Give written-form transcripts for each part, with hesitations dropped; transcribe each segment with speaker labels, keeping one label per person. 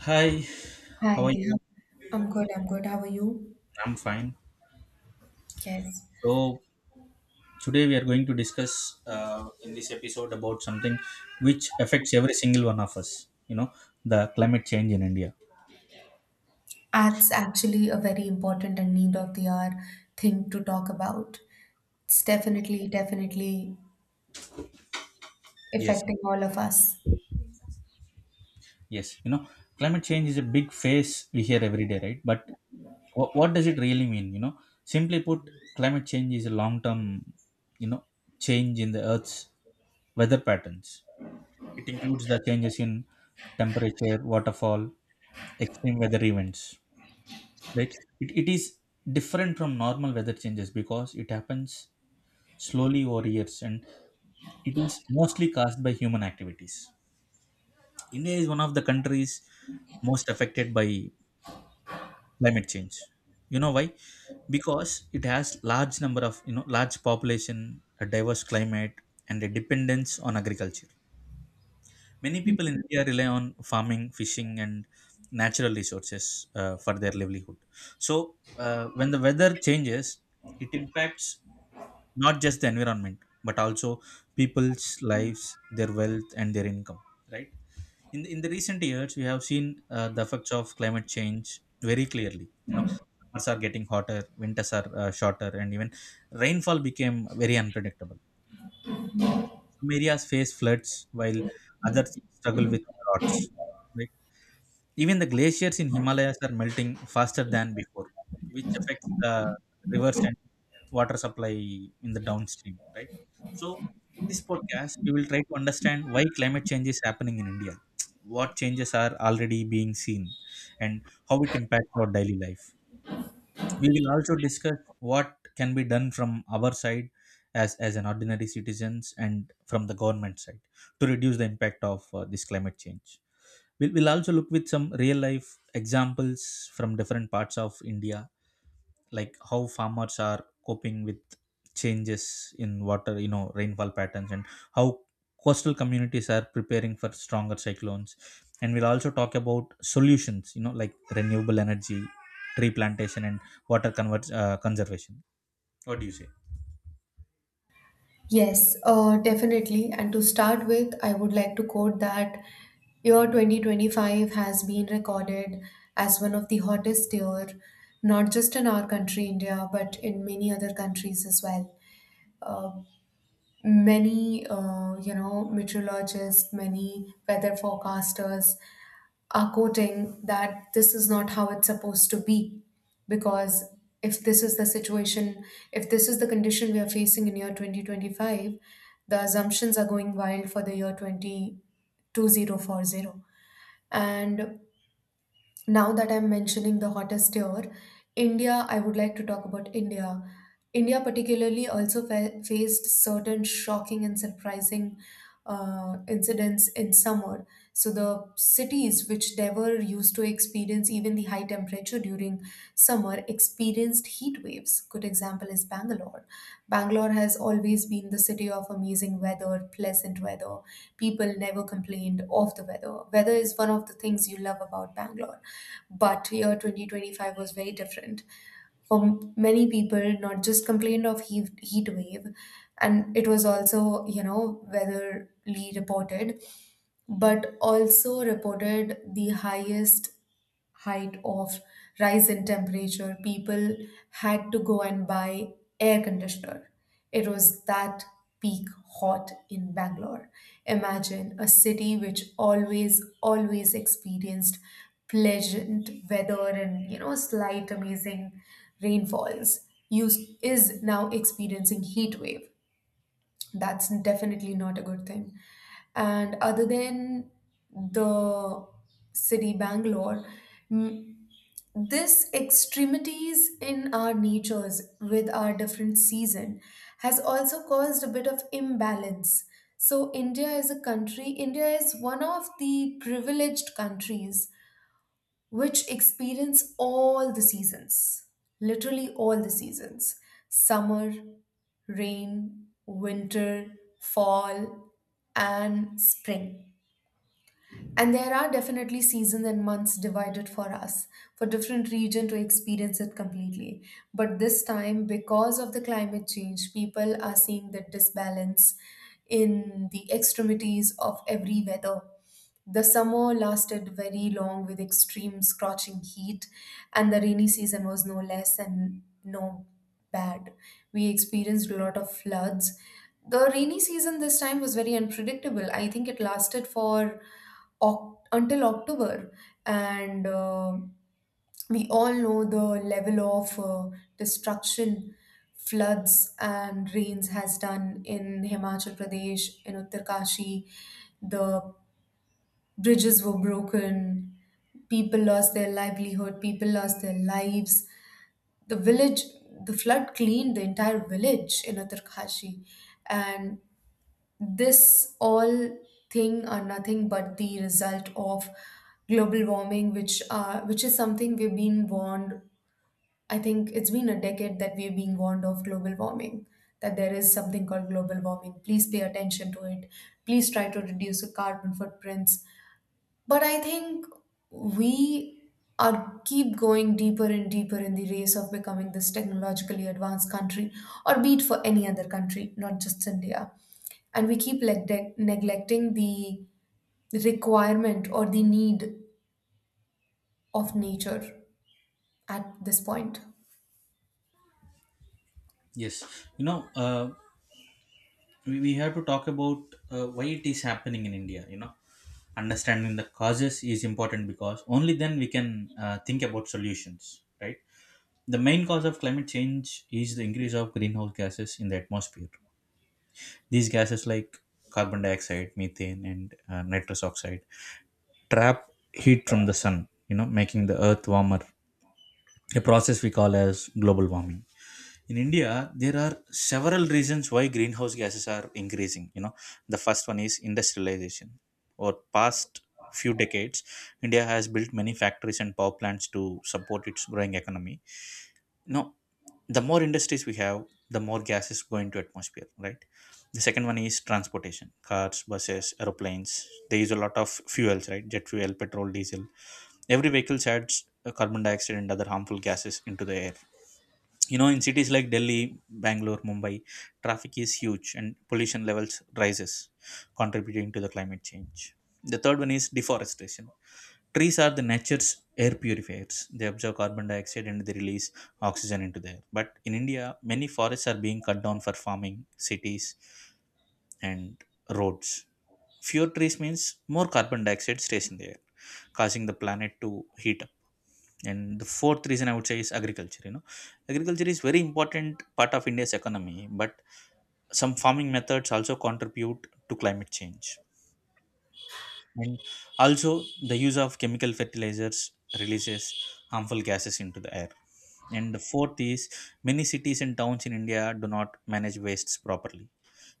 Speaker 1: Hi, how are
Speaker 2: Hi,
Speaker 1: you?
Speaker 2: I'm good, I'm good. How are you?
Speaker 1: I'm fine.
Speaker 2: Yes.
Speaker 1: So, today we are going to discuss in this episode about something which affects every single one of us, you know, the climate change in India.
Speaker 2: Art's actually a very important and need of the hour thing to talk about. It's definitely, definitely
Speaker 1: Yes,
Speaker 2: affecting all of us.
Speaker 1: yes, you know, climate change is a big phase we hear every day, right? But what does it really mean, you know, simply put, climate change is a long term, you know, change in the earth's weather patterns. It includes the changes in temperature, waterfall, extreme weather events, right? It is different from normal weather changes because it happens slowly over years, and it is mostly caused by human activities. India is one of the countries most affected by climate change. You know why? Because it has large number of, you know, large population, a diverse climate, and a dependence on agriculture. Many people in India rely on farming, fishing, and natural resources for their livelihood. So, when the weather changes, it impacts not just the environment but also people's lives, their wealth, and their income. Right? In the recent years, we have seen the effects of climate change very clearly. You know, summers are getting hotter, winters are shorter, and even rainfall became very unpredictable. Some areas face floods while others struggle with droughts, right? Even the glaciers in Himalayas are melting faster than before, which affects the rivers and water supply in the downstream, right? So, in this podcast, we will try to understand why climate change is happening in India, what changes are already being seen, and how it impacts our daily life. We will also discuss what can be done from our side as an ordinary citizens, and from the government side, to reduce the impact of this climate change. We'll also look with some real life examples from different parts of India, like how farmers are coping with changes in water, you know, rainfall patterns, and how coastal communities are preparing for stronger cyclones. And we'll also talk about solutions, you know, like renewable energy, tree plantation, and conservation. What do you say?
Speaker 2: Yes, definitely. And to start with, I would like to quote that year 2025 has been recorded as one of the hottest year, not just in our country, India, but in many other countries as well. Uh, many meteorologists, many weather forecasters are quoting that this is not how it's supposed to be, because if this is the situation, if this is the condition we are facing in year 2025, the assumptions are going wild for the year 202040. And now that I'm mentioning the hottest year, India, I would like to talk about India. India, particularly, also faced certain shocking and surprising incidents in summer. So the cities which never used to experience even the high temperature during summer experienced heat waves. Good example is Bangalore. Bangalore has always been the city of amazing weather, pleasant weather. People never complained of the weather. Weather is one of the things you love about Bangalore. But year 2025 was very different, for many people not just complained of heat wave and it was also, you know, weatherly reported, but also reported the highest height of rise in temperature. People had to go and buy air conditioner. It was that peak hot in Bangalore. Imagine a city which always, always experienced pleasant weather and, you know, slight amazing rainfalls used, is now experiencing heat wave. That's definitely not a good thing. And other than the city Bangalore, this extremities in our natures with our different season has also caused a bit of imbalance. So India is a country. India is one of the privileged countries which experience all the seasons, literally all the seasons: summer, rain, winter, fall, and spring. And there are definitely seasons and months divided for us, for different region to experience it completely. But this time, because of the climate change, people are seeing the disbalance in the extremities of every weather. The summer lasted very long with extreme scorching heat, and the rainy season was no less and no bad. We experienced a lot of floods. The rainy season this time was very unpredictable. I think it lasted for until October, and we all know the level of destruction floods and rains has done in Himachal Pradesh, in Uttarkashi. The Bridges were broken, people lost their livelihood, people lost their lives. The village, the flood cleaned the entire village in Uttarkashi. And this all thing are nothing but the result of global warming, which is something we've been warned. I think it's been a decade that we've been warned of global warming, that there is something called global warming. Please pay attention to it. Please try to reduce your carbon footprints. But I think we are keep going deeper and deeper in the race of becoming this technologically advanced country, or be it for any other country, not just India. And we keep neglecting the requirement or the need of nature at this point.
Speaker 1: Yes, you know, we have to talk about why it is happening in India. You know, understanding the causes is important because only then we can think about solutions, right? The main cause of climate change is the increase of greenhouse gases in the atmosphere. These gases, like carbon dioxide, methane, and nitrous oxide, trap heat from the sun, you know, making the earth warmer, a process we call as global warming. In India, there are several reasons why greenhouse gases are increasing. You know, the first one is industrialization. Over past few decades, India has built many factories and power plants to support its growing economy. No, the more industries we have, the more gases go into atmosphere, right? The second one is transportation: cars, buses, aeroplanes. They use a lot of fuels, right? Jet fuel, petrol, diesel. Every vehicle adds carbon dioxide and other harmful gases into the air. You know, in cities like Delhi, Bangalore, Mumbai, traffic is huge and pollution levels rises, contributing to the climate change. The third one is deforestation. Trees are the nature's air purifiers. They absorb carbon dioxide and they release oxygen into the air. But in India, many forests are being cut down for farming, cities, and roads. Fewer trees means more carbon dioxide stays in the air, causing the planet to heat up. And the fourth reason I would say is agriculture. You know, agriculture is very important part of India's economy, but some farming methods also contribute to climate change. And also, the use of chemical fertilizers releases harmful gases into the air. And the fourth is, many cities and towns in India do not manage wastes properly.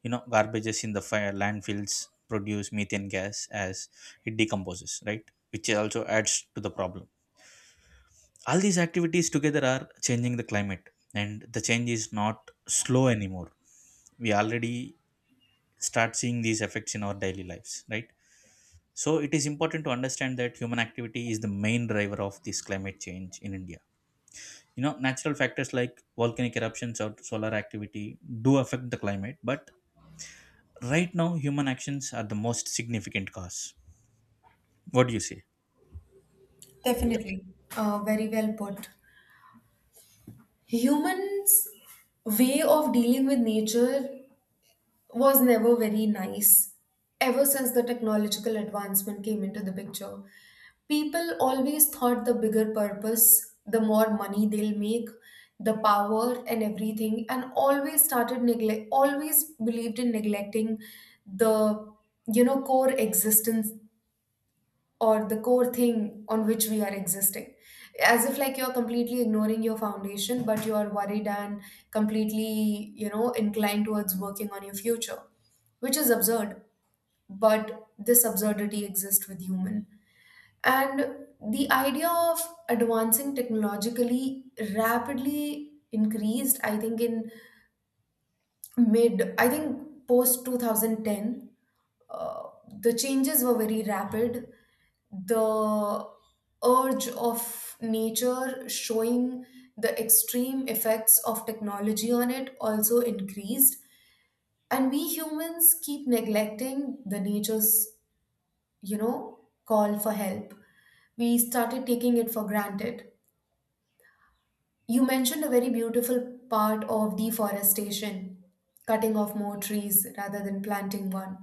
Speaker 1: You know, garbages in the fire landfills produce methane gas as it decomposes, right? Which also adds to the problem. All these activities together are changing the climate, and the change is not slow anymore. We already start seeing these effects in our daily lives, right? So it is important to understand that human activity is the main driver of this climate change in India. You know, natural factors like volcanic eruptions or solar activity do affect the climate, but right now human actions are the most significant cause. What do you say?
Speaker 2: Definitely. Very well put. Humans' way of dealing with nature was never very nice. Ever since the technological advancement came into the picture, people always thought the bigger purpose, the more money they'll make, the power and everything, and always believed in neglecting the, you know, core existence or the core thing on which we are existing, as if like you're completely ignoring your foundation but you are worried and completely, you know, inclined towards working on your future, which is absurd. But this absurdity exists with human. And the idea of advancing technologically rapidly increased, I think, in mid I think post 2010. Uh, the changes were very rapid. The urge of nature showing the extreme effects of technology on it also increased, and we humans keep neglecting the nature's, you know, call for help. We started taking it for granted. You mentioned a very beautiful part of deforestation, cutting off more trees rather than planting one.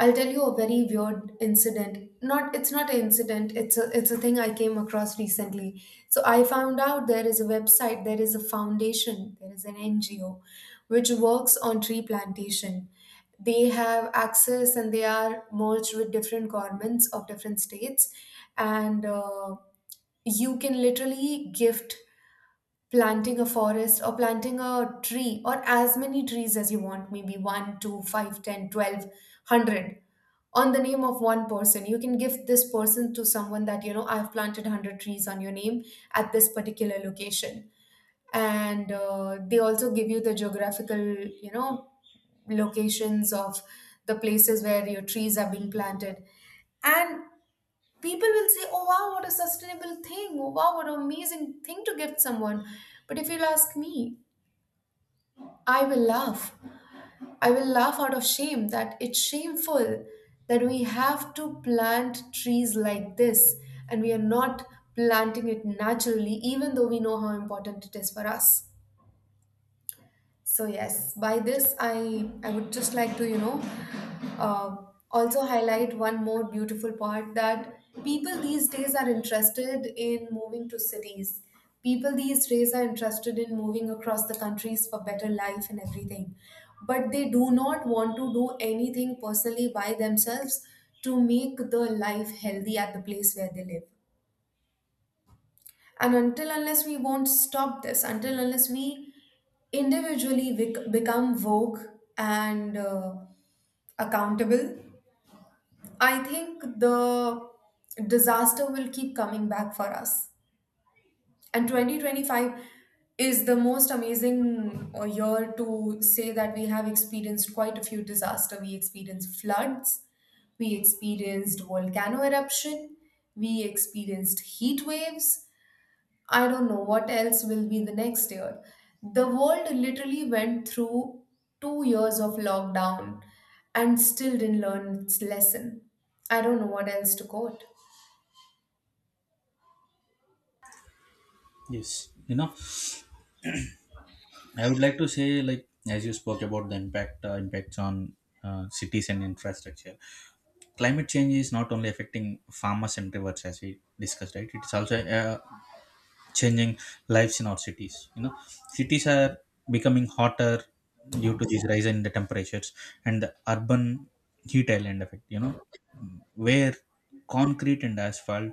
Speaker 2: I'll tell you a very weird incident. Not, it's not an incident, it's a thing I came across recently. So I found out there is a website, there is a foundation, there is an NGO which works on tree plantation. They have access and they are merged with different governments of different states, and you can literally gift planting a forest or planting a tree or as many trees as you want, maybe one, two, five, ten, 12, hundred, on the name of one person. You can give this person to someone, that, you know, I've planted 100 trees on your name at this particular location. And they also give you the geographical, you know, locations of the places where your trees are being planted. And people will say, "Oh wow, what a sustainable thing! Oh wow, what an amazing thing to gift someone." But if you'll ask me, I will laugh. I will laugh out of shame, that it's shameful that we have to plant trees like this and we are not planting it naturally, even though we know how important it is for us. So yes, by this I would just like to, you know, uh, also highlight one more beautiful part, that people these days are interested in moving to cities. People these days are interested in moving across the countries for better life and everything, but they do not want to do anything personally by themselves to make the life healthy at the place where they live. And until unless we won't stop this, until unless we individually become woke and, accountable, I think the disaster will keep coming back for us. And 2025 is the most amazing year to say that we have experienced quite a few disaster. We experienced floods, we experienced volcano eruption, we experienced heat waves. I don't know what else will be the next year. The world literally went through 2 years of lockdown and still didn't learn its lesson. I don't know what else to quote.
Speaker 1: Yes, you know, I would like to say, like, as you spoke about the impact, impacts on cities and infrastructure, climate change is not only affecting farmers and rivers, as we discussed, right? It's also changing lives in our cities. You know, cities are becoming hotter due to these rise in the temperatures, and the urban heat island effect, you know, where concrete and asphalt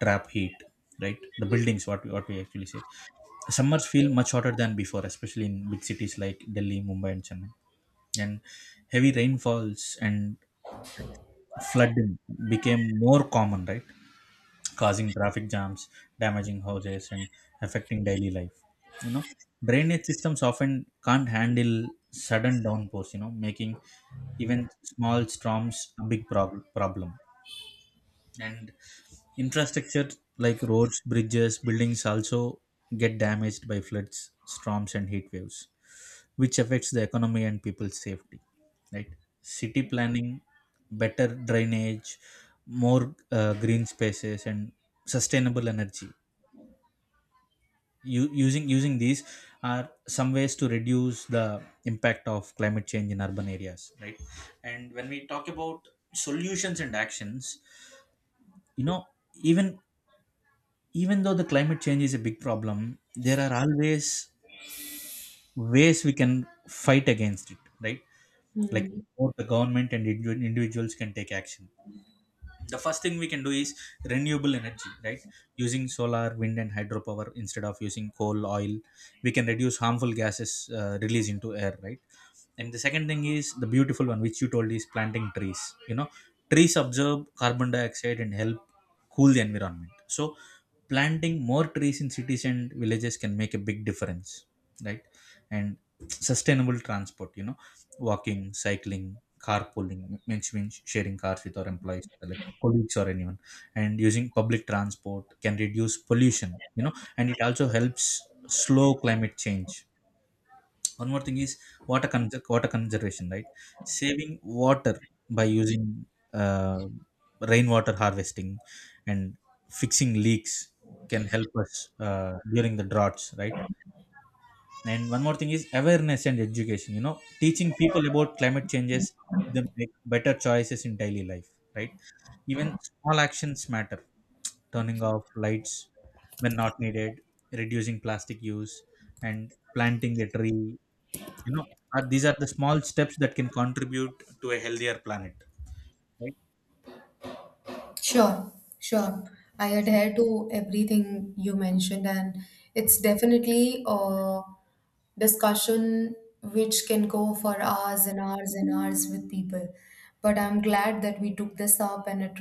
Speaker 1: trap heat, right? The buildings, what we actually say, summers feel much hotter than before, especially in big cities like Delhi, Mumbai, and Chennai. And heavy rainfalls and flooding became more common, right? Causing traffic jams, damaging houses, and affecting daily life. You know, drainage systems often can't handle sudden downpours, you know, making even small storms a big problem. And infrastructure like roads, bridges, buildings also get damaged by floods, storms, and heat waves, which affects the economy and people's safety. Right? City planning, better drainage, more green spaces, and sustainable energy, using these are some ways to reduce the impact of climate change in urban areas, right? And when we talk about solutions and actions, you know, even even though the climate change is a big problem, there are always ways we can fight against it, right? Like,
Speaker 2: Hmm.
Speaker 1: both the government and individuals can take action. The first thing we can do is renewable energy, right? Using solar, wind, and hydropower instead of using coal, oil, we can reduce harmful gases released into air, right? And the second thing is the beautiful one which you told, is planting trees. You know, trees absorb carbon dioxide and help cool the environment. So planting more trees in cities and villages can make a big difference, right? And sustainable transport, you know, walking, cycling, carpooling, means sharing cars with our employees, like colleagues or anyone, and using public transport can reduce pollution, you know, and it also helps slow climate change. One more thing is water conservation, right? Saving water by using uh, rainwater harvesting and fixing leaks can help us during the droughts, right? And one more thing is awareness and education. You know, teaching people about climate changes them, make better choices in daily life, right? Even small actions matter: turning off lights when not needed, reducing plastic use, and planting a tree, you know, are, these are the small steps that can contribute to a healthier planet, right?
Speaker 2: Sure, sure. I adhere to everything you mentioned, and it's definitely a discussion which can go for hours and hours and hours with people. But I'm glad that we took this up, and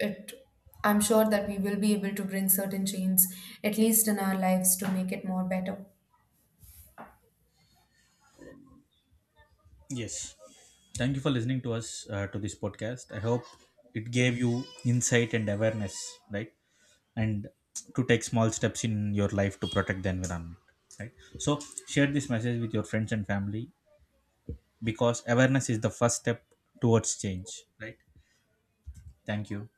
Speaker 2: it, I'm sure that we will be able to bring certain changes, at least in our lives, to make it more better.
Speaker 1: Yes, thank you for listening to us, to this podcast. I hope it gave you insight and awareness, right? And to take small steps in your life to protect the environment, right? So share this message with your friends and family because awareness is the first step towards change, right? Thank you.